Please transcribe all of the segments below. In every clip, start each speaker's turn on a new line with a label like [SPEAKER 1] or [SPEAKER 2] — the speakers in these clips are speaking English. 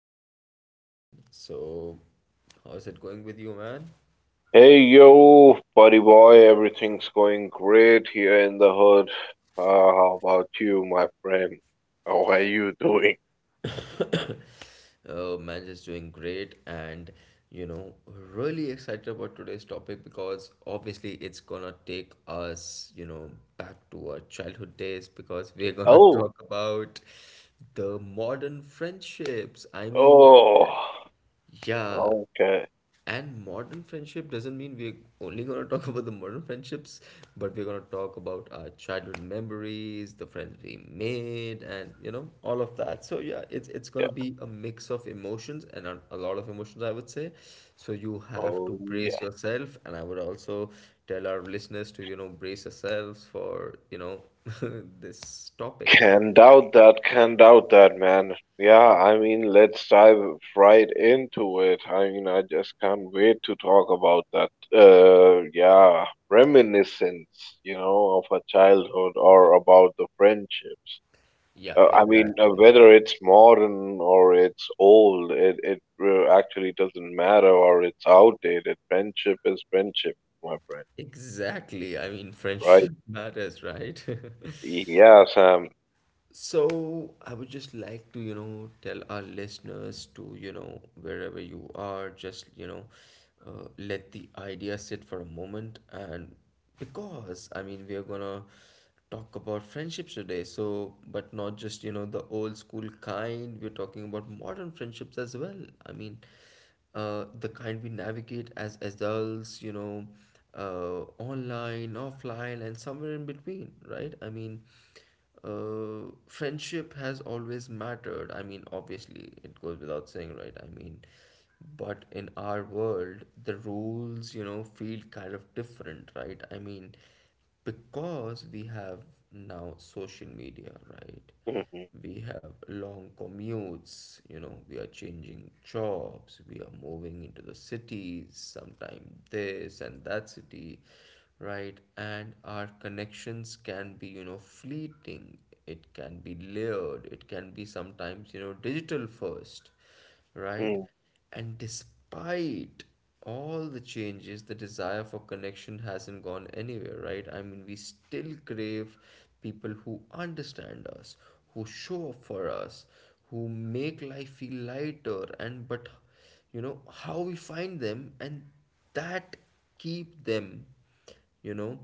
[SPEAKER 1] welcome back, Jason. So, how's it going with you, man?
[SPEAKER 2] Hey yo, buddy boy, everything's going great here in the hood. How about you, my friend? How are you doing?
[SPEAKER 1] Man is doing great, and really excited about today's topic because obviously it's gonna take us, back to our childhood days because we're gonna
[SPEAKER 2] Oh,
[SPEAKER 1] talk about the modern friendships.
[SPEAKER 2] oh,
[SPEAKER 1] Yeah,
[SPEAKER 2] okay.
[SPEAKER 1] and modern friendship doesn't mean we're only gonna talk about the modern friendships, but we're gonna talk about our childhood memories, the friends we made, and all of that. So yeah, it's
[SPEAKER 2] Yeah.
[SPEAKER 1] gonna be a mix of emotions and a lot of emotions, I would say. So you have
[SPEAKER 2] Oh,
[SPEAKER 1] to brace
[SPEAKER 2] yeah.
[SPEAKER 1] yourself, and I would also tell our listeners to, brace yourselves for, this topic. Yeah.
[SPEAKER 2] Can doubt that, man. Yeah, I mean, let's dive right into it. I mean, I just can't wait to talk about that. Yeah, reminiscence, you know, of a childhood or about the friendships.
[SPEAKER 1] Yeah, exactly.
[SPEAKER 2] Whether it's modern or it's old, it actually doesn't matter or it's outdated. Friendship is friendship, my friend.
[SPEAKER 1] Exactly.
[SPEAKER 2] Right?
[SPEAKER 1] Friendship matters, right?
[SPEAKER 2] Yeah, Sam.
[SPEAKER 1] So I would just like to, tell our listeners to, wherever you are, just, let the idea sit for a moment. And because, I mean, we are gonna talk about friendships today. So, but not just, the old school kind, we're talking about modern friendships as well. I mean, the kind we navigate as adults, online, offline, and somewhere in between, right? Friendship has always mattered. I mean, obviously, it goes without saying, right? But in our world, the rules, feel kind of different, right? Because we have now social media, right?
[SPEAKER 2] Mhm.
[SPEAKER 1] We have long commutes. You know, we are changing jobs, we are moving into the cities, sometime this and that city, right? And our connections can be, fleeting. It can be layered, it can be sometimes, digital first, right?
[SPEAKER 2] mm.
[SPEAKER 1] And despite all the changes, the desire for connection hasn't gone anywhere, right? I mean, we still crave people who understand us, who show up for us, who make life feel lighter, and but you know how we find them and that keep them, you know,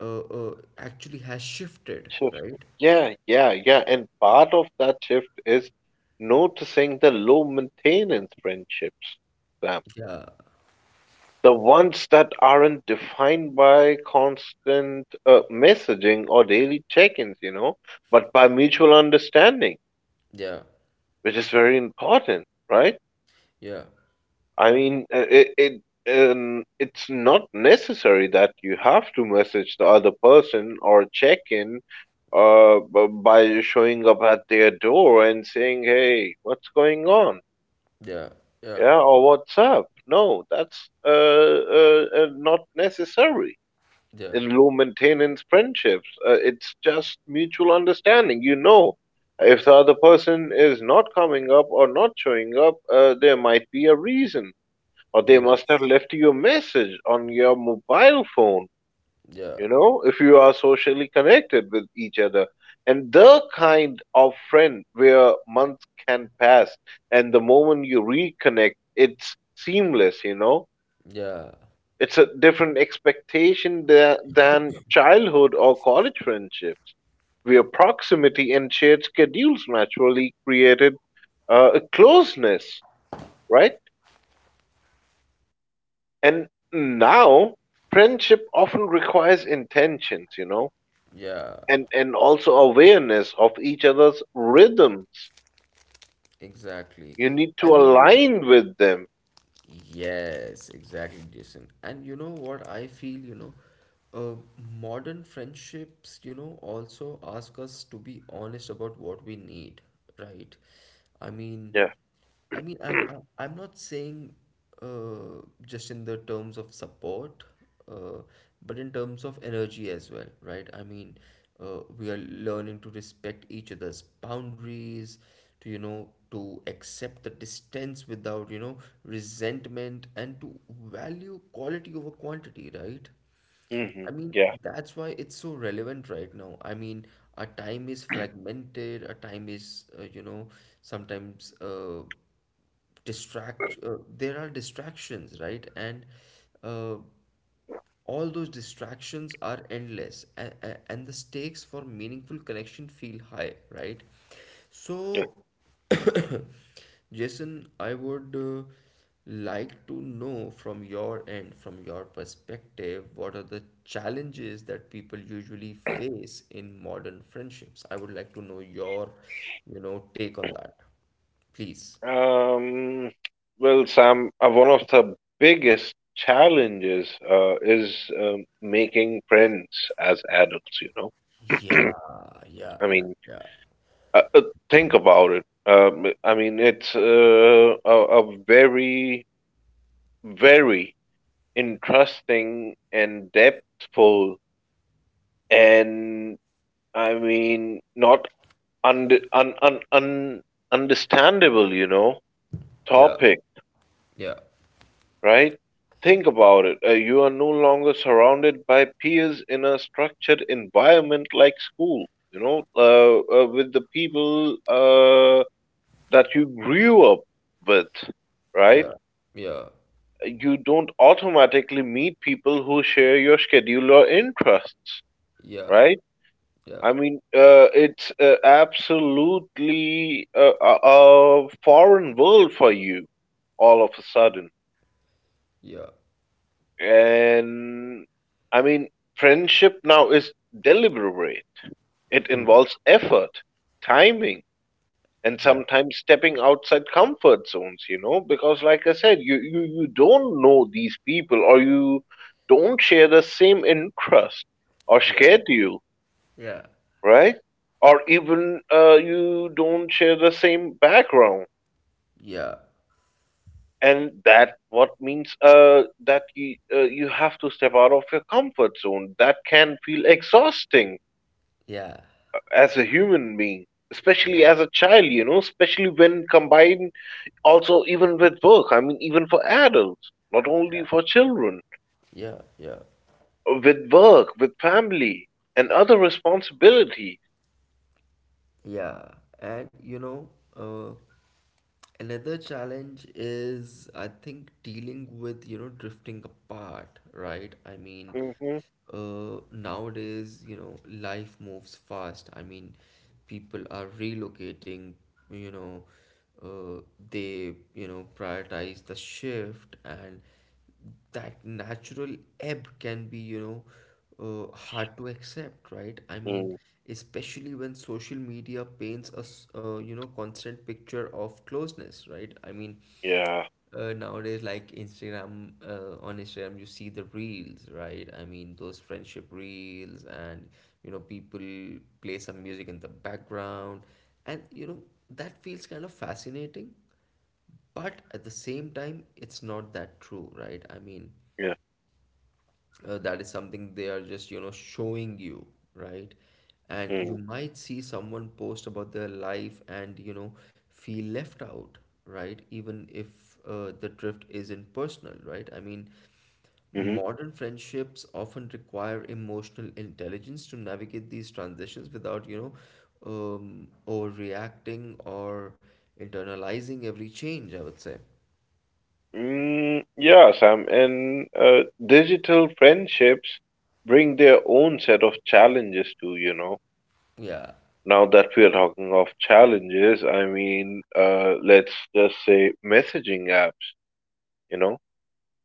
[SPEAKER 1] actually has shifted,
[SPEAKER 2] Shift.
[SPEAKER 1] right?
[SPEAKER 2] Yeah, yeah, yeah. And part of that shift is noticing the low maintenance friendships, Sam.
[SPEAKER 1] Yeah,
[SPEAKER 2] The ones that aren't defined by constant messaging or daily check-ins, you know, but by mutual understanding,
[SPEAKER 1] yeah,
[SPEAKER 2] which is very important, right?
[SPEAKER 1] yeah,
[SPEAKER 2] I mean, it's not necessary that you have to message the other person or check in by showing up at their door and saying, "Hey, what's going on?"
[SPEAKER 1] yeah, yeah,
[SPEAKER 2] Yeah, or "What's up?" No, that's not necessary
[SPEAKER 1] yeah.
[SPEAKER 2] in low maintenance friendships. It's just mutual understanding. You know, if the other person is not coming up or not showing up, there might be a reason, or they must have
[SPEAKER 1] Yes.
[SPEAKER 2] left you a message on your mobile phone.
[SPEAKER 1] Yeah.
[SPEAKER 2] You know, if you are socially connected with each other, and the kind of friend where months can pass, and the moment you reconnect, it's seamless. You know,
[SPEAKER 1] Yeah.
[SPEAKER 2] it's a different expectation than childhood or college friendships, where proximity and shared schedules naturally created a closeness, right? And now friendship often requires intentions, you know,
[SPEAKER 1] Yeah.
[SPEAKER 2] and also awareness of each other's rhythms.
[SPEAKER 1] Exactly.
[SPEAKER 2] You need
[SPEAKER 1] I
[SPEAKER 2] to
[SPEAKER 1] mean,
[SPEAKER 2] align with them.
[SPEAKER 1] yes, exactly, Jason. And you know what I feel, uh, modern friendships, also ask us to be honest about what we need, right? I mean,
[SPEAKER 2] Yeah.
[SPEAKER 1] I mean, I, I, I'm not saying just in the terms of support, uh, but in terms of energy as well, right? We are learning to respect each other's boundaries, to, to accept the distance without, resentment, and to value quality over quantity, right?
[SPEAKER 2] hmm
[SPEAKER 1] I mean,
[SPEAKER 2] Yeah.
[SPEAKER 1] that's why it's so relevant right now. I mean, our time is fragmented, our time is, sometimes there are distractions, right? And uh, all those distractions are endless, and the stakes for meaningful connection feel high, right? So Jason, I would like to know from your end, from your perspective, what are the challenges that people usually face in modern friendships. I would like to know your, take on that, please.
[SPEAKER 2] Um, well, Sam, one of the biggest challenges is making friends as adults, you know.
[SPEAKER 1] yeah yeah
[SPEAKER 2] I
[SPEAKER 1] yeah
[SPEAKER 2] mean,
[SPEAKER 1] yeah
[SPEAKER 2] uh, uh, think about it. I mean, it's a very, very interesting and depthful, and I mean, not under, un, un, un, understandable, you know,
[SPEAKER 1] yeah
[SPEAKER 2] topic,
[SPEAKER 1] yeah
[SPEAKER 2] right? Think about it. You are no longer surrounded by peers in a structured environment like school, you know, with the people that you grew up with,
[SPEAKER 1] yeah
[SPEAKER 2] right?
[SPEAKER 1] yeah
[SPEAKER 2] You don't automatically meet people who share your schedule or interests,
[SPEAKER 1] Yeah,
[SPEAKER 2] right?
[SPEAKER 1] yeah,
[SPEAKER 2] I mean, it's absolutely a, a foreign world for you all of a sudden.
[SPEAKER 1] yeah.
[SPEAKER 2] And I mean, friendship now is deliberate. It
[SPEAKER 1] Hmm.
[SPEAKER 2] involves effort, timing, and
[SPEAKER 1] Yeah,
[SPEAKER 2] sometimes stepping outside comfort zones, you know, because like I said, you don't know these people, or you don't share the same interest or
[SPEAKER 1] yeah,
[SPEAKER 2] scared you,
[SPEAKER 1] yeah,
[SPEAKER 2] right? Or even you don't share the same background,
[SPEAKER 1] yeah,
[SPEAKER 2] and that what means that you have to step out of your comfort zone. That can feel exhausting
[SPEAKER 1] yeah,
[SPEAKER 2] as a human being, especially
[SPEAKER 1] yeah,
[SPEAKER 2] as a child, you know, especially when combined also even with work. I mean, even for adults, not only for children,
[SPEAKER 1] yeah, yeah,
[SPEAKER 2] with work, with family, and other responsibility.
[SPEAKER 1] yeah. And uh, another challenge is, I think, dealing with, drifting apart, right?
[SPEAKER 2] Hmm
[SPEAKER 1] Nowadays, life moves fast. I mean, people are relocating, you know, uh, they, prioritize the shift, and that natural ebb can be, hard to accept, right? I mean,
[SPEAKER 2] mm,
[SPEAKER 1] especially when social media paints us, constant picture of closeness, right?
[SPEAKER 2] yeah.
[SPEAKER 1] Nowadays, like Instagram, on Instagram, you see the reels, right? I mean, those friendship reels, and people play some music in the background, and that feels kind of fascinating, but at the same time it's not that true, right?
[SPEAKER 2] yeah
[SPEAKER 1] That is something they are just, showing you, right? And you
[SPEAKER 2] mm,
[SPEAKER 1] might see someone post about their life and, feel left out, right? Even if the drift isn't personal, right? I mean,
[SPEAKER 2] mm-hmm.
[SPEAKER 1] modern friendships often require emotional intelligence to navigate these transitions without, overreacting or internalizing every change, I would say.
[SPEAKER 2] Mm, yeah, Sam, and digital friendships bring their own set of challenges too, you know.
[SPEAKER 1] Yeah
[SPEAKER 2] Now that we're talking of challenges, I mean, let's just say messaging apps, you know,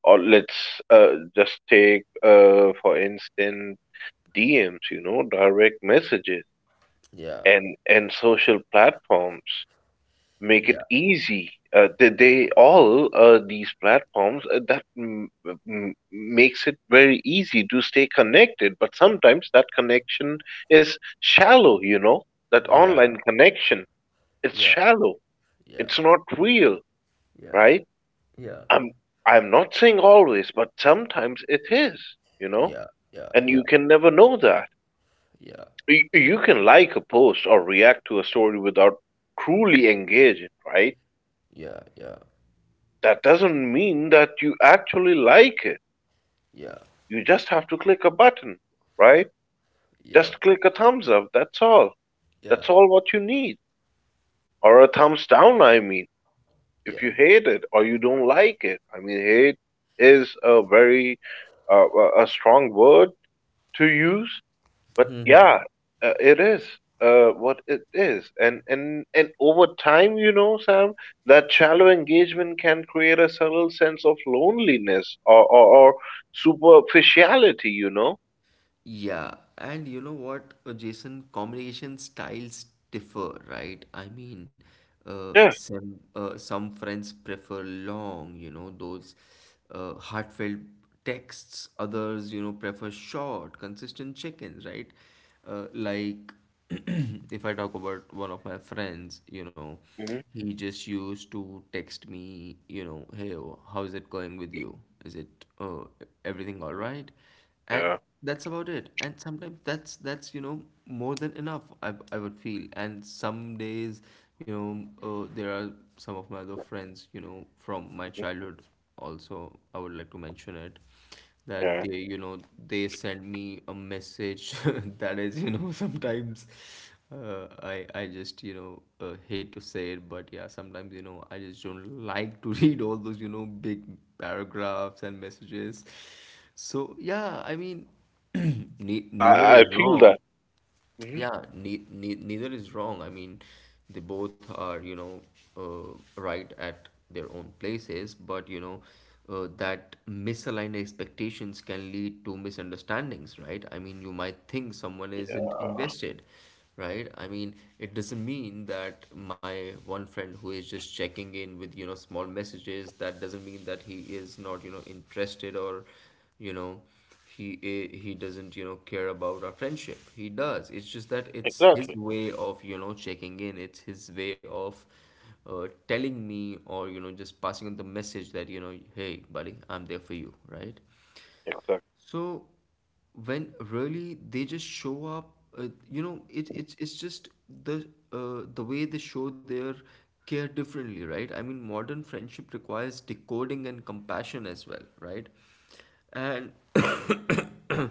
[SPEAKER 2] or let's just take, for instance, DMs, you know, direct messages
[SPEAKER 1] Yeah,
[SPEAKER 2] and social platforms make it
[SPEAKER 1] yeah,
[SPEAKER 2] easy. They all These platforms makes it very easy to stay connected. But sometimes that connection is shallow. You know, that
[SPEAKER 1] yeah,
[SPEAKER 2] online connection, it's
[SPEAKER 1] yeah,
[SPEAKER 2] shallow.
[SPEAKER 1] yeah,
[SPEAKER 2] It's not real,
[SPEAKER 1] yeah,
[SPEAKER 2] right?
[SPEAKER 1] yeah,
[SPEAKER 2] I'm I'm not saying always, but sometimes it is. You know,
[SPEAKER 1] yeah, yeah,
[SPEAKER 2] and you
[SPEAKER 1] yeah,
[SPEAKER 2] can never know that.
[SPEAKER 1] yeah,
[SPEAKER 2] You can like a post or react to a story without truly engaging, right?
[SPEAKER 1] yeah, yeah,
[SPEAKER 2] That doesn't mean that you actually like it.
[SPEAKER 1] yeah,
[SPEAKER 2] You just have to click a button, right?
[SPEAKER 1] yeah,
[SPEAKER 2] Just click a thumbs up, that's all.
[SPEAKER 1] yeah,
[SPEAKER 2] That's all what you need. Or a thumbs down, I mean, if
[SPEAKER 1] yeah.
[SPEAKER 2] you hate it or you don't like it. I mean, hate is a very a strong word to use. But yeah, it is what it is, and over time, you know, Sam, that shallow engagement can create a subtle sense of loneliness or or superficiality, you know.
[SPEAKER 1] Yeah, and you know what, Jason, communication styles differ, right?
[SPEAKER 2] Yeah.
[SPEAKER 1] Some friends prefer long, those heartfelt texts. Others, prefer short, consistent check-ins, right? Like if I talk about one of my friends,
[SPEAKER 2] hmm
[SPEAKER 1] he just used to text me, hey, oh, how's it going with you? Is it everything all right? And
[SPEAKER 2] Yeah,
[SPEAKER 1] that's about it, and sometimes that's you know more than enough, I would feel. And some days, you know there are some of my other friends, from my
[SPEAKER 2] mhm,
[SPEAKER 1] childhood also, I would like to mention it, that
[SPEAKER 2] yeah,
[SPEAKER 1] they, they send me a message that is, you know, sometimes I just, hate to say it, but yeah, sometimes you know I just don't like to read all those, you know, big paragraphs and messages. So yeah, I mean, ne
[SPEAKER 2] yeah,
[SPEAKER 1] neither is
[SPEAKER 2] I feel
[SPEAKER 1] wrong.
[SPEAKER 2] that. Hmm
[SPEAKER 1] Yeah, ne ne neither is wrong. I mean, they both are, right at their own places, but that misaligned expectations can lead to misunderstandings, right? I mean, you might think someone isn't invested, right? I mean, it doesn't mean that my one friend who is just checking in with, small messages, that doesn't mean that he is not, interested or, you know he he doesn't, you know, care about our friendship. He does. It's just that it's his
[SPEAKER 2] Exactly,
[SPEAKER 1] way of, checking in. It's his way of, telling me, or, just passing on the message that, you know, hey buddy, I'm there for you, right?
[SPEAKER 2] exactly.
[SPEAKER 1] So when really they just show up, it, it's just the, the way they show their care differently, right? I mean, modern friendship requires decoding and compassion as well, right? And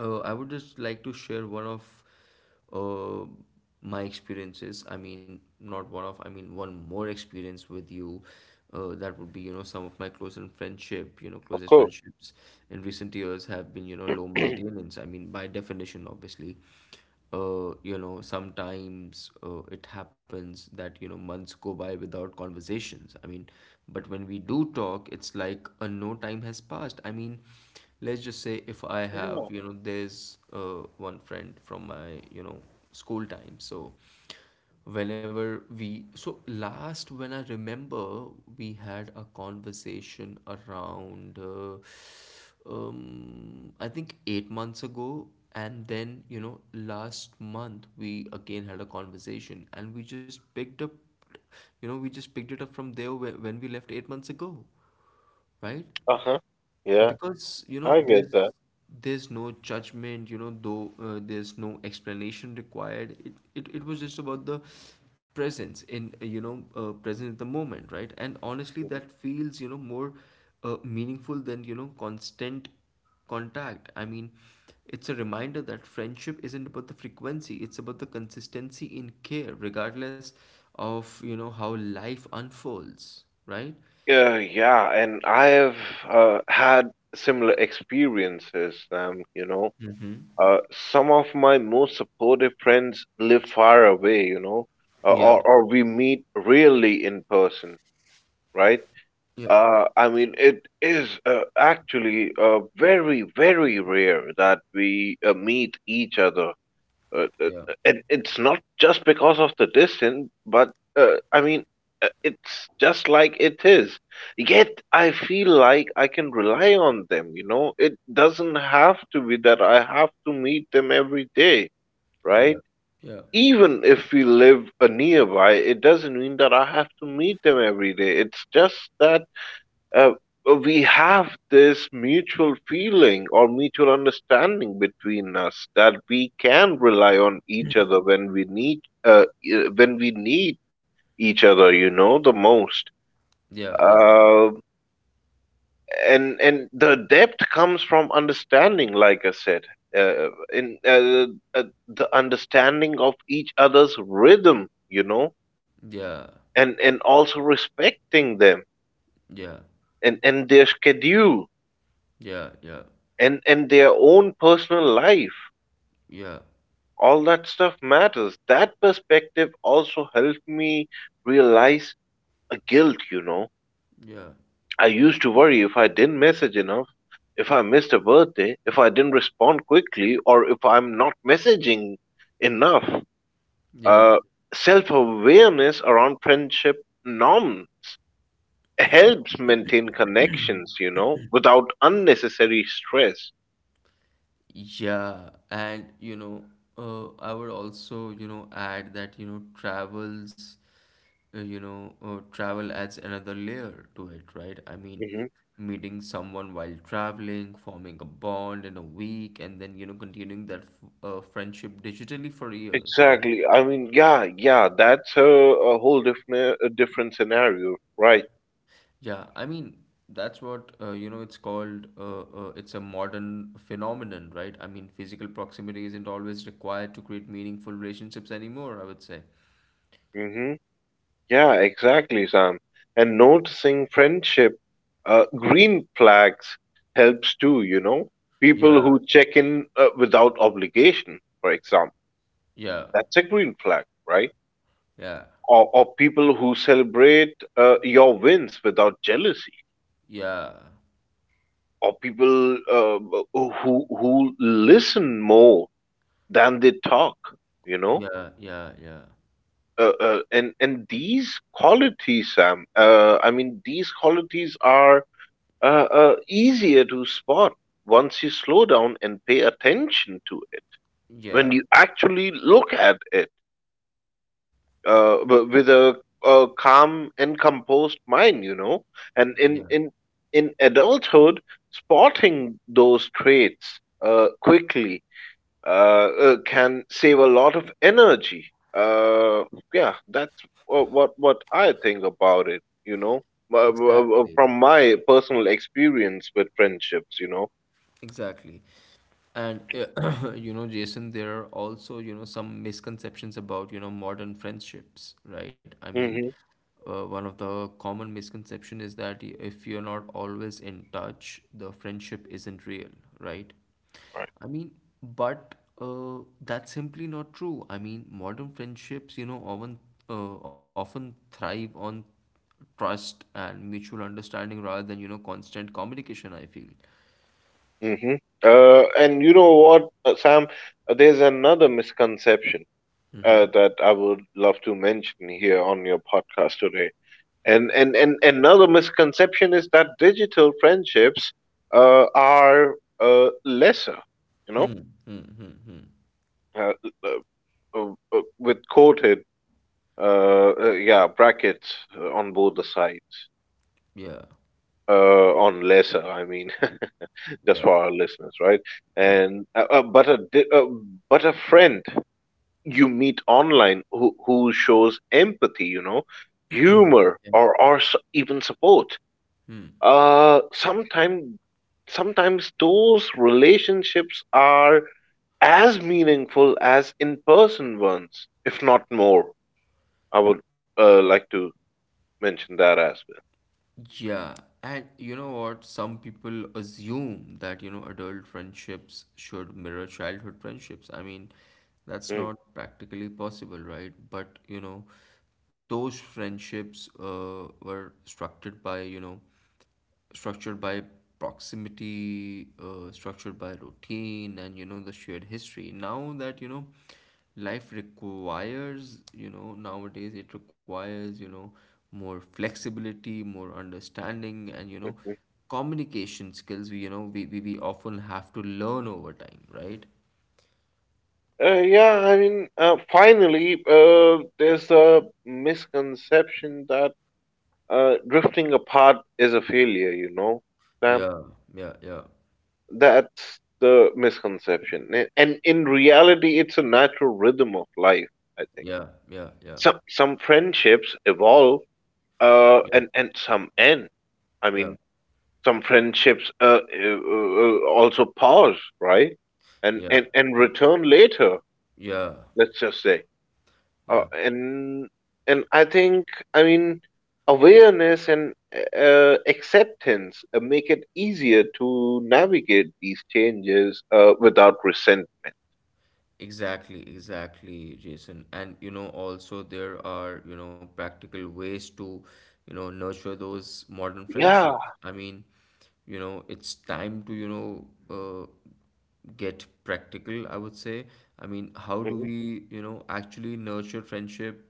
[SPEAKER 1] I would just like to share one of uh, my experiences. I mean, not one of, I mean, One more experience with you. That would be, some of my closer friendship,
[SPEAKER 2] Of
[SPEAKER 1] closest
[SPEAKER 2] course.
[SPEAKER 1] friendships in recent years have been, low maintenance. I mean, by definition, obviously. Sometimes it happens that, months go by without conversations. I mean, but when we do talk, it's like a no time has passed. I mean, let's just say if I have,
[SPEAKER 2] Yeah.
[SPEAKER 1] you know, there's one friend from my, you know, school time. So whenever we, so last when I remember we had a conversation around I think 8 months ago, and then, you know, last month we again had a conversation, and we just picked up, you know, we just picked it up from there when we left 8 months ago, right?
[SPEAKER 2] Uh huh. Yeah,
[SPEAKER 1] Because you know
[SPEAKER 2] I get that.
[SPEAKER 1] there's no judgment. You know, though there's no explanation required. It was just about the presence in, present in the moment, right? And honestly that feels, you know, more meaningful than, you know, constant contact. I mean, it's a reminder that friendship isn't about the frequency, it's about the consistency in care regardless of, you know, how life unfolds, right?
[SPEAKER 2] Yeah, yeah, and I have had similar experiences, Sam. You know, Uh, some of my most supportive friends live far away, you know,
[SPEAKER 1] yeah
[SPEAKER 2] or we meet rarely in person, right?
[SPEAKER 1] yeah
[SPEAKER 2] I mean, it is actually very, very rare that we meet each other,
[SPEAKER 1] yeah
[SPEAKER 2] and it's not just because of the distance, but I mean, it's just like it is. Yet I feel like I can rely on them, you know? It doesn't have to be that I have to meet them every day,
[SPEAKER 1] Yeah,
[SPEAKER 2] right?
[SPEAKER 1] yeah,
[SPEAKER 2] Even if we live nearby, it doesn't mean that I have to meet them every day. It's just that uh, we have this mutual feeling or mutual understanding between us that we can rely on each other when we need when we need each other, you know, the most.
[SPEAKER 1] yeah, yeah,
[SPEAKER 2] Uh, and and the depth comes from understanding, like I said, in the understanding of each other's rhythm, you know,
[SPEAKER 1] yeah,
[SPEAKER 2] and also respecting them,
[SPEAKER 1] yeah,
[SPEAKER 2] and their schedules,
[SPEAKER 1] yeah, yeah,
[SPEAKER 2] and their own personal life.
[SPEAKER 1] yeah,
[SPEAKER 2] All that stuff matters. That perspective also helped me realize a guilt, you know.
[SPEAKER 1] yeah,
[SPEAKER 2] I used to worry if I didn't message enough, if I missed a birthday, if I didn't respond quickly, or if I'm not messaging enough.
[SPEAKER 1] yeah,
[SPEAKER 2] uh, Self-awareness around friendship norms helps maintain connections, you know, without unnecessary stress.
[SPEAKER 1] yeah. And I would also, add that, travel adds another layer to it, right? I mean,
[SPEAKER 2] Mm-hmm.
[SPEAKER 1] meeting someone while traveling, forming a bond in a week, and then, continuing that f friendship digitally for years, right?
[SPEAKER 2] Exactly. I mean, yeah, yeah, that's a whole different a different scenario, right?
[SPEAKER 1] Yeah, I mean, that's what you know, it's called it's a modern phenomenon, right? I mean, physical proximity isn't always required to create meaningful relationships anymore, I would say.
[SPEAKER 2] Mm-hmm. Yeah, exactly, Sam. And noticing friendship green flags helps too, you know? People
[SPEAKER 1] Yeah,
[SPEAKER 2] who check in without obligation, for example,
[SPEAKER 1] yeah,
[SPEAKER 2] that's a green flag, right?
[SPEAKER 1] yeah,
[SPEAKER 2] Or people who celebrate your wins without jealousy,
[SPEAKER 1] yeah,
[SPEAKER 2] or people who listen more than they talk, you know?
[SPEAKER 1] yeah, yeah, yeah,
[SPEAKER 2] And and these qualities, Sam. I mean, these qualities are easier to spot once you slow down and pay attention to it.
[SPEAKER 1] yeah,
[SPEAKER 2] When you actually look at it with a calm and composed mind, you know. And
[SPEAKER 1] yeah.
[SPEAKER 2] in adulthood, spotting those traits quickly can save a lot of energy. Yeah, that's what I think about it. You know,
[SPEAKER 1] Exactly.
[SPEAKER 2] from my personal experience with friendships. You know.
[SPEAKER 1] Exactly. And you know, Jason, there are also, some misconceptions about, modern friendships, right?
[SPEAKER 2] Hmm
[SPEAKER 1] One of the common misconception is that if you're not always in touch, the friendship isn't real, right?
[SPEAKER 2] Right.
[SPEAKER 1] I mean, but That's simply not true. I mean, modern friendships, often thrive on trust and mutual understanding rather than, constant communication, I feel.
[SPEAKER 2] hmm And you know what, Sam? There's another misconception that I would love to mention here on your podcast today. And another misconception is that digital friendships are lesser. You know,
[SPEAKER 1] Hmm, hmm, hmm, hmm.
[SPEAKER 2] uh, uh, with coated yeah brackets on both the sides
[SPEAKER 1] Yeah,
[SPEAKER 2] on lesser, I mean, just
[SPEAKER 1] yeah,
[SPEAKER 2] for our listeners, right?
[SPEAKER 1] yeah.
[SPEAKER 2] And but but a friend you meet online who shows empathy, you know, humor, or even support, uh sometimes sometimes those relationships are as meaningful as in person ones, if not more. I would like to mention that as well.
[SPEAKER 1] Yeah, and you know what? Some people assume that, adult friendships should mirror childhood friendships. I mean, that's
[SPEAKER 2] Mm,
[SPEAKER 1] not practically possible, right? But, you know, those friendships were structured by, you know, structured by proximity, structured by routine, and you know the shared history. Now that you know, life requires you know nowadays it requires you know more flexibility, more understanding, and you know
[SPEAKER 2] mhm.
[SPEAKER 1] communication skills. We you know we often have to learn over time, right?
[SPEAKER 2] Yeah, I mean, finally, there's a misconception that drifting apart is a failure, you know, Sam?
[SPEAKER 1] Yeah, yeah, yeah,
[SPEAKER 2] That's the misconception. And in reality, it's a natural rhythm of life, I think.
[SPEAKER 1] yeah, yeah, yeah,
[SPEAKER 2] Some friendships evolve
[SPEAKER 1] yeah,
[SPEAKER 2] and some end. I
[SPEAKER 1] yeah,
[SPEAKER 2] mean, some friendships also pause, right? And
[SPEAKER 1] yeah,
[SPEAKER 2] return later.
[SPEAKER 1] yeah,
[SPEAKER 2] Let's just say, uh,
[SPEAKER 1] yeah.
[SPEAKER 2] and and I think, I mean, awareness and acceptance make it easier to navigate these changes without resentment.
[SPEAKER 1] Exactly, exactly, Jason. And you know, also there are, you know, practical ways to, you know, nurture those modern
[SPEAKER 2] Yeah.
[SPEAKER 1] friendships. I mean, you know, it's time to, you know, get practical, I would say. I mean, how do
[SPEAKER 2] hmm
[SPEAKER 1] we, you know, actually nurture friendship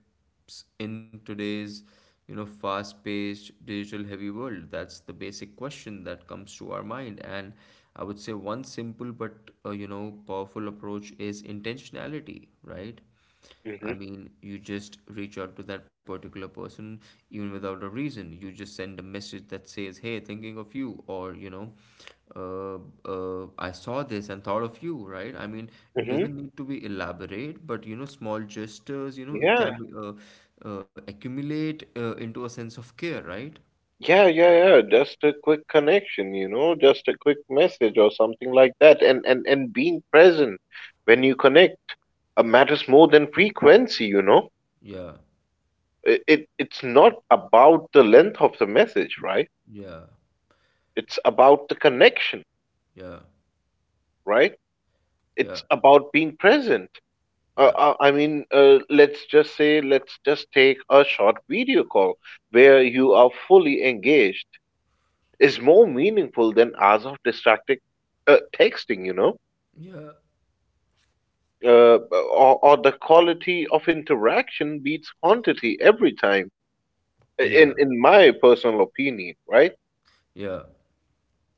[SPEAKER 1] in today's you know fast paced digital heavy world? That's the basic question that comes to our mind. And I would say one simple but you know powerful approach is intentionality, right? I
[SPEAKER 2] hmm
[SPEAKER 1] mean, you just reach out to that particular person even without a reason. You just send a message that says hey, thinking of you, or you know, uh, I saw this and thought of you, right? I mean, it
[SPEAKER 2] hmm
[SPEAKER 1] doesn't need to be elaborate, but you know small gestures, you know, it can
[SPEAKER 2] Yeah.
[SPEAKER 1] be, accumulate into a sense of care, right?
[SPEAKER 2] Yeah, yeah, yeah. Just a quick connection, you know, just a quick message or something like that. And being present when you connect matters more than frequency, you know.
[SPEAKER 1] Yeah,
[SPEAKER 2] It's not about the length of the message, right?
[SPEAKER 1] yeah,
[SPEAKER 2] It's about the connection,
[SPEAKER 1] yeah,
[SPEAKER 2] right?
[SPEAKER 1] yeah,
[SPEAKER 2] It's about being present.
[SPEAKER 1] yeah,
[SPEAKER 2] Let's just say, let's just take a short video call where you are fully engaged is more meaningful than hours of distracted texting, you know. Or the quality of interaction beats quantity every time
[SPEAKER 1] yeah,
[SPEAKER 2] in my personal opinion, right?
[SPEAKER 1] yeah,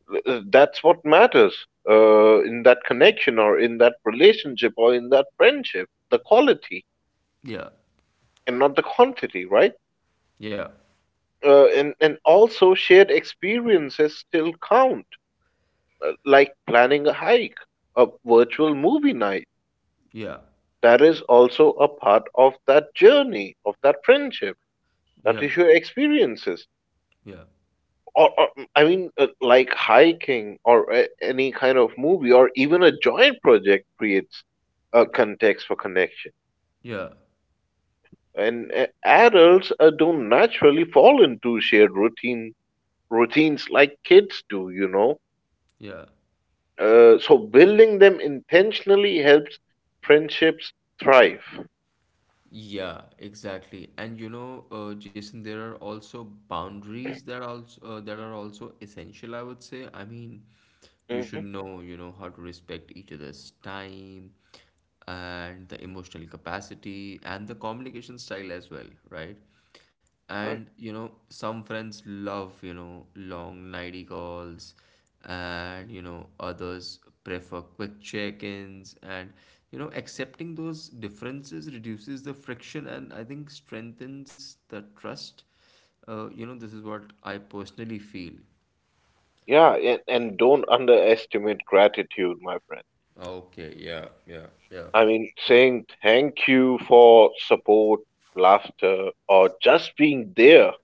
[SPEAKER 2] That's what matters in that connection or in that relationship or in that friendship, the quality
[SPEAKER 1] yeah, yeah,
[SPEAKER 2] and not the quantity, right?
[SPEAKER 1] yeah,
[SPEAKER 2] And also shared experiences still count, like planning a hike, a virtual movie night.
[SPEAKER 1] yeah,
[SPEAKER 2] That is also a part of that journey of that friendship. That
[SPEAKER 1] yeah,
[SPEAKER 2] is your experiences.
[SPEAKER 1] yeah,
[SPEAKER 2] or, or like hiking or any kind of movie or even a joint project creates a context for connection.
[SPEAKER 1] yeah,
[SPEAKER 2] And adults don't naturally fall into shared routines like kids do, you know.
[SPEAKER 1] yeah.
[SPEAKER 2] So building them intentionally helps friendships thrive.
[SPEAKER 1] Yeah, exactly. And you know, Jason, there are also boundaries that are also essential, I would say. I mean, you
[SPEAKER 2] hmm
[SPEAKER 1] should know, you know, how to respect each other's time and the emotional capacity and the communication style as well, right? And
[SPEAKER 2] Right.
[SPEAKER 1] you know, some friends love, you know, long nighty calls, and you know, others prefer quick check-ins, and you know, accepting those differences reduces the friction and I think strengthens the trust. You know, this is what I personally feel.
[SPEAKER 2] Yeah, and don't underestimate gratitude, my friend.
[SPEAKER 1] Okay, yeah, yeah, yeah,
[SPEAKER 2] I mean, saying thank you for support, laughter, or just being there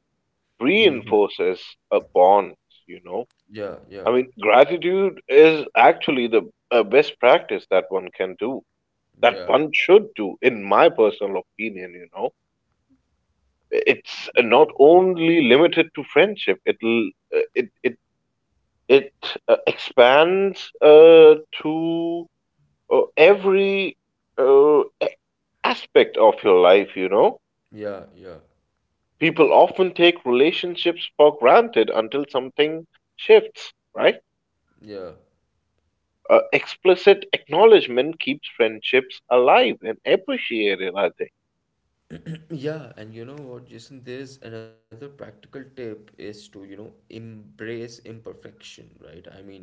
[SPEAKER 2] reinforces a bond, you know.
[SPEAKER 1] yeah, yeah,
[SPEAKER 2] I mean, gratitude is actually the best practice that one can do, that
[SPEAKER 1] yeah,
[SPEAKER 2] one should do, in my personal opinion, you know. It's not only limited to friendship, uh, it, it, it expands to every uh, a- aspect of your life, you know.
[SPEAKER 1] yeah, yeah,
[SPEAKER 2] People often take relationships for granted until something shifts, right?
[SPEAKER 1] yeah.
[SPEAKER 2] Explicit acknowledgement keeps friendships alive and appreciated, I think.
[SPEAKER 1] Yeah, and you know what, Jason, there's another practical tip is to, you know, embrace imperfection, right? I mean,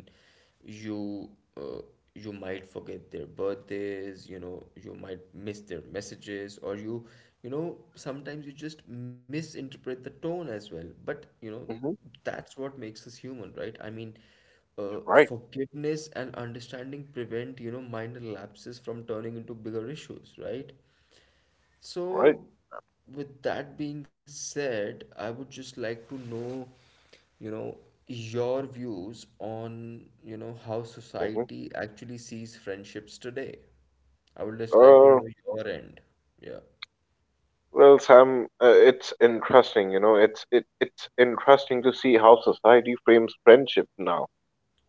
[SPEAKER 1] you uh, you might forget their birthdays, you know, you might miss their messages, or you know, sometimes you just misinterpret the tone as well. But, you know,
[SPEAKER 2] Hmm
[SPEAKER 1] that's what makes us human, right? I mean,
[SPEAKER 2] Right,
[SPEAKER 1] forgiveness and understanding prevent, you know, minor lapses from turning into bigger issues, right?
[SPEAKER 2] right.
[SPEAKER 1] So, with that being said, I would just like to know, you know, your views on, you know, how
[SPEAKER 2] Mm-hmm.
[SPEAKER 1] society actually sees friendships today. I would just like to
[SPEAKER 2] Uh,
[SPEAKER 1] know your end. Yeah,
[SPEAKER 2] well, Sam, it's interesting, you know, it's interesting to see how society frames friendship now.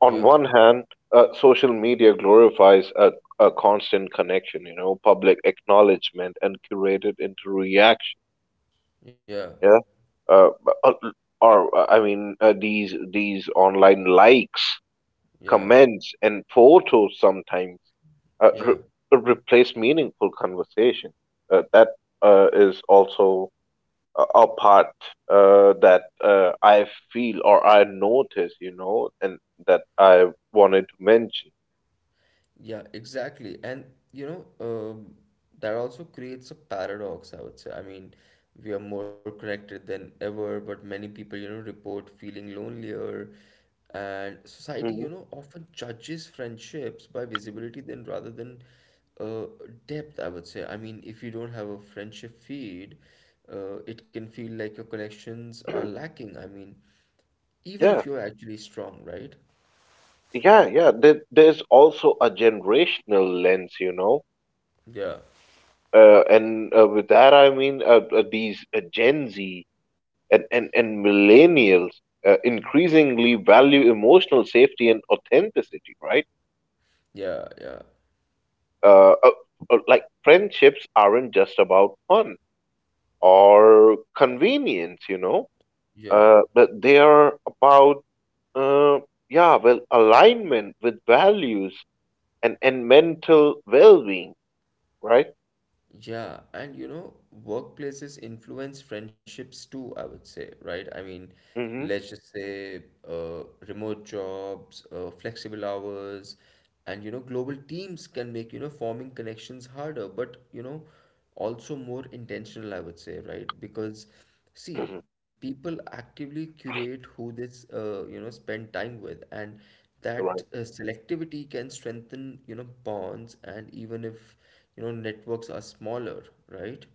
[SPEAKER 2] On
[SPEAKER 1] yeah,
[SPEAKER 2] one hand, social media glorifies a constant connection, you know, public acknowledgement and curated interaction.
[SPEAKER 1] yeah,
[SPEAKER 2] Yeah. Uh, uh, or I mean, these online likes,
[SPEAKER 1] yeah,
[SPEAKER 2] comments, and photos sometimes uh,
[SPEAKER 1] yeah.
[SPEAKER 2] re- replace meaningful conversation. That is also a part that I feel or I notice, you know, and that I wanted to mention.
[SPEAKER 1] Yeah, exactly. And you know, that also creates a paradox, I would say. I mean, we are more connected than ever, but many people, you know, report feeling lonelier. And society,
[SPEAKER 2] Mhm.
[SPEAKER 1] you know, often judges friendships by visibility than rather than uh, depth, I would say. I mean, if you don't have a friendship feed, it can feel like your connections are lacking. I mean, even if
[SPEAKER 2] Yeah,
[SPEAKER 1] you're actually strong, right?
[SPEAKER 2] yeah, yeah. There, there's also a generational lens, you know,
[SPEAKER 1] Yeah,
[SPEAKER 2] and with that I mean these Gen Z and millennials increasingly value emotional safety and authenticity, right?
[SPEAKER 1] yeah, yeah,
[SPEAKER 2] Uh, uh, like friendships aren't just about fun or convenience, you know,
[SPEAKER 1] yeah.
[SPEAKER 2] but they are about uh, alignment with values and mental well-being. Right?
[SPEAKER 1] Yeah, and you know, workplaces influence friendships too, I would say, right? I mean,
[SPEAKER 2] Mhm.
[SPEAKER 1] let's just say remote jobs, flexible hours, and you know, global teams can make, you know, forming connections harder, but you know, also more intentional, I would say, right? Because see,
[SPEAKER 2] Mhm.
[SPEAKER 1] people actively curate who they you know spend time with, and that
[SPEAKER 2] Right.
[SPEAKER 1] selectivity can strengthen you know bonds, and even if you know networks are smaller, right?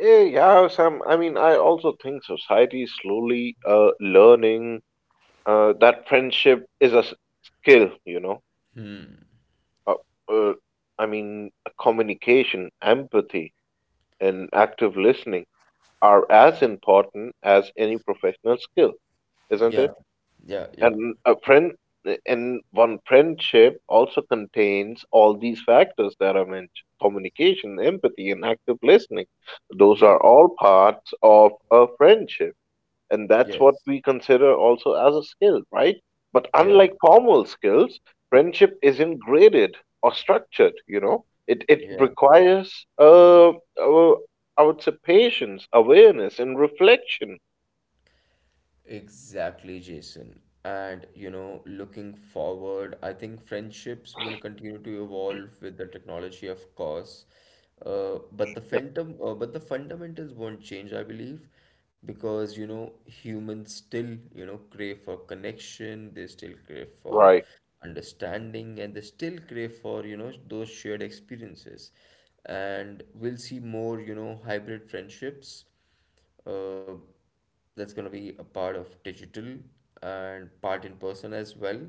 [SPEAKER 2] Eh, yeah, Sam. I mean, I also think society is slowly learning that friendship is a skill, you know. Uh, uh, I mean, communication, empathy, and active listening are as important as any professional skill, isn't
[SPEAKER 1] Yeah,
[SPEAKER 2] it?
[SPEAKER 1] yeah, yeah,
[SPEAKER 2] And a friend and one friendship also contains all these factors that I mentioned: communication, empathy, and active listening. Those
[SPEAKER 1] yeah,
[SPEAKER 2] are all parts of a friendship, and that's
[SPEAKER 1] yes,
[SPEAKER 2] what we consider also as a skill, right? But
[SPEAKER 1] yeah,
[SPEAKER 2] unlike formal skills, friendship isn't graded or structured. You know, it
[SPEAKER 1] yeah.
[SPEAKER 2] requires uh I would say patience, awareness, and reflection,
[SPEAKER 1] Exactly, Jason. And you know, looking forward, I think friendships will continue to evolve with the technology, of course. But the fundamentals won't change, I believe, because you know, humans still, you know, crave for connection. They still crave for
[SPEAKER 2] right?
[SPEAKER 1] understanding, and they still crave for, you know, those shared experiences. And we'll see more, you know, hybrid friendships uh, that's going to be a part of digital and part in person as well.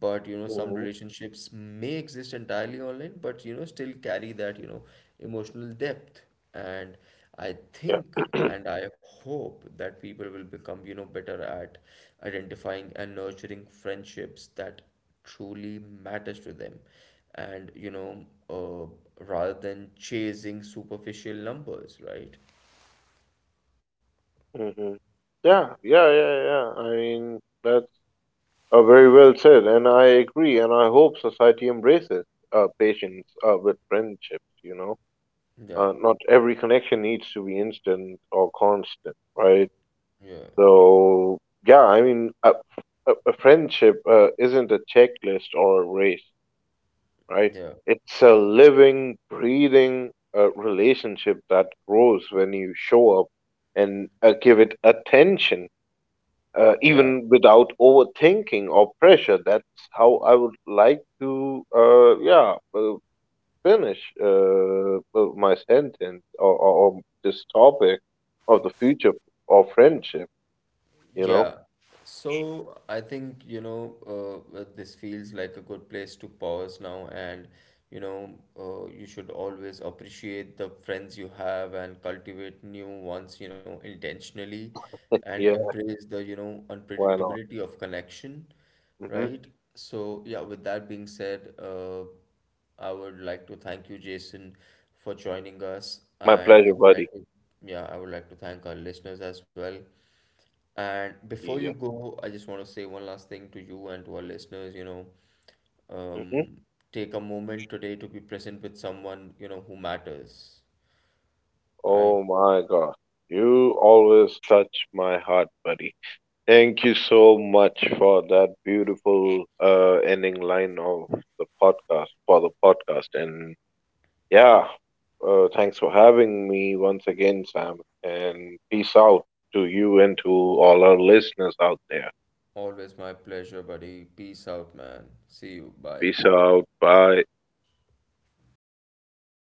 [SPEAKER 1] But you know, some relationships may exist entirely online, but you know, still carry that you know emotional depth. And I
[SPEAKER 2] Yeah.
[SPEAKER 1] think and I hope that people will become you know better at identifying and nurturing friendships that truly matters to them, and you know, rather than chasing superficial numbers, right?
[SPEAKER 2] hmm Yeah, yeah, yeah, yeah. I mean, that's very well said, and I agree, and I hope society embraces patience with friendships, you know
[SPEAKER 1] Yeah.
[SPEAKER 2] uh, Not every connection needs to be instant or constant, right?
[SPEAKER 1] Yeah,
[SPEAKER 2] So, yeah, I mean, a friendship isn't a checklist or a race, right?
[SPEAKER 1] yeah,
[SPEAKER 2] It's a living, breathing relationship that grows when you show up and give it attention,
[SPEAKER 1] yeah.
[SPEAKER 2] even without overthinking or pressure. That's how I would like to, finish my sentence or this topic of the future of friendship, you know?
[SPEAKER 1] Yeah. So I think, you know, this feels like a good place to pause now. And, you know, you should always appreciate the friends you have and cultivate new ones, you know, intentionally, and
[SPEAKER 2] Yeah,
[SPEAKER 1] embrace the, you know,
[SPEAKER 2] why not?
[SPEAKER 1] unpredictability of connection,
[SPEAKER 2] Hmm
[SPEAKER 1] right? So, yeah, with that being said, I would like to thank you, Jason, for joining us.
[SPEAKER 2] My
[SPEAKER 1] And I
[SPEAKER 2] pleasure,
[SPEAKER 1] would
[SPEAKER 2] buddy.
[SPEAKER 1] like to, yeah, I would like to thank our listeners as well. And before you
[SPEAKER 2] Yeah.
[SPEAKER 1] go, I just want to say one last thing to you and to our listeners, you know,
[SPEAKER 2] hmm
[SPEAKER 1] um, take a moment today to be present with someone, you know, who matters, right?
[SPEAKER 2] Oh my God. You always touch my heart, buddy. Thank you so much for that beautiful ending line of the podcast, for the podcast. And yeah, thanks for having me once again, Sam. And peace out to you and to all our listeners out there.
[SPEAKER 1] Always my pleasure, buddy. Peace out, man. See you. Bye.
[SPEAKER 2] Peace out. Bye.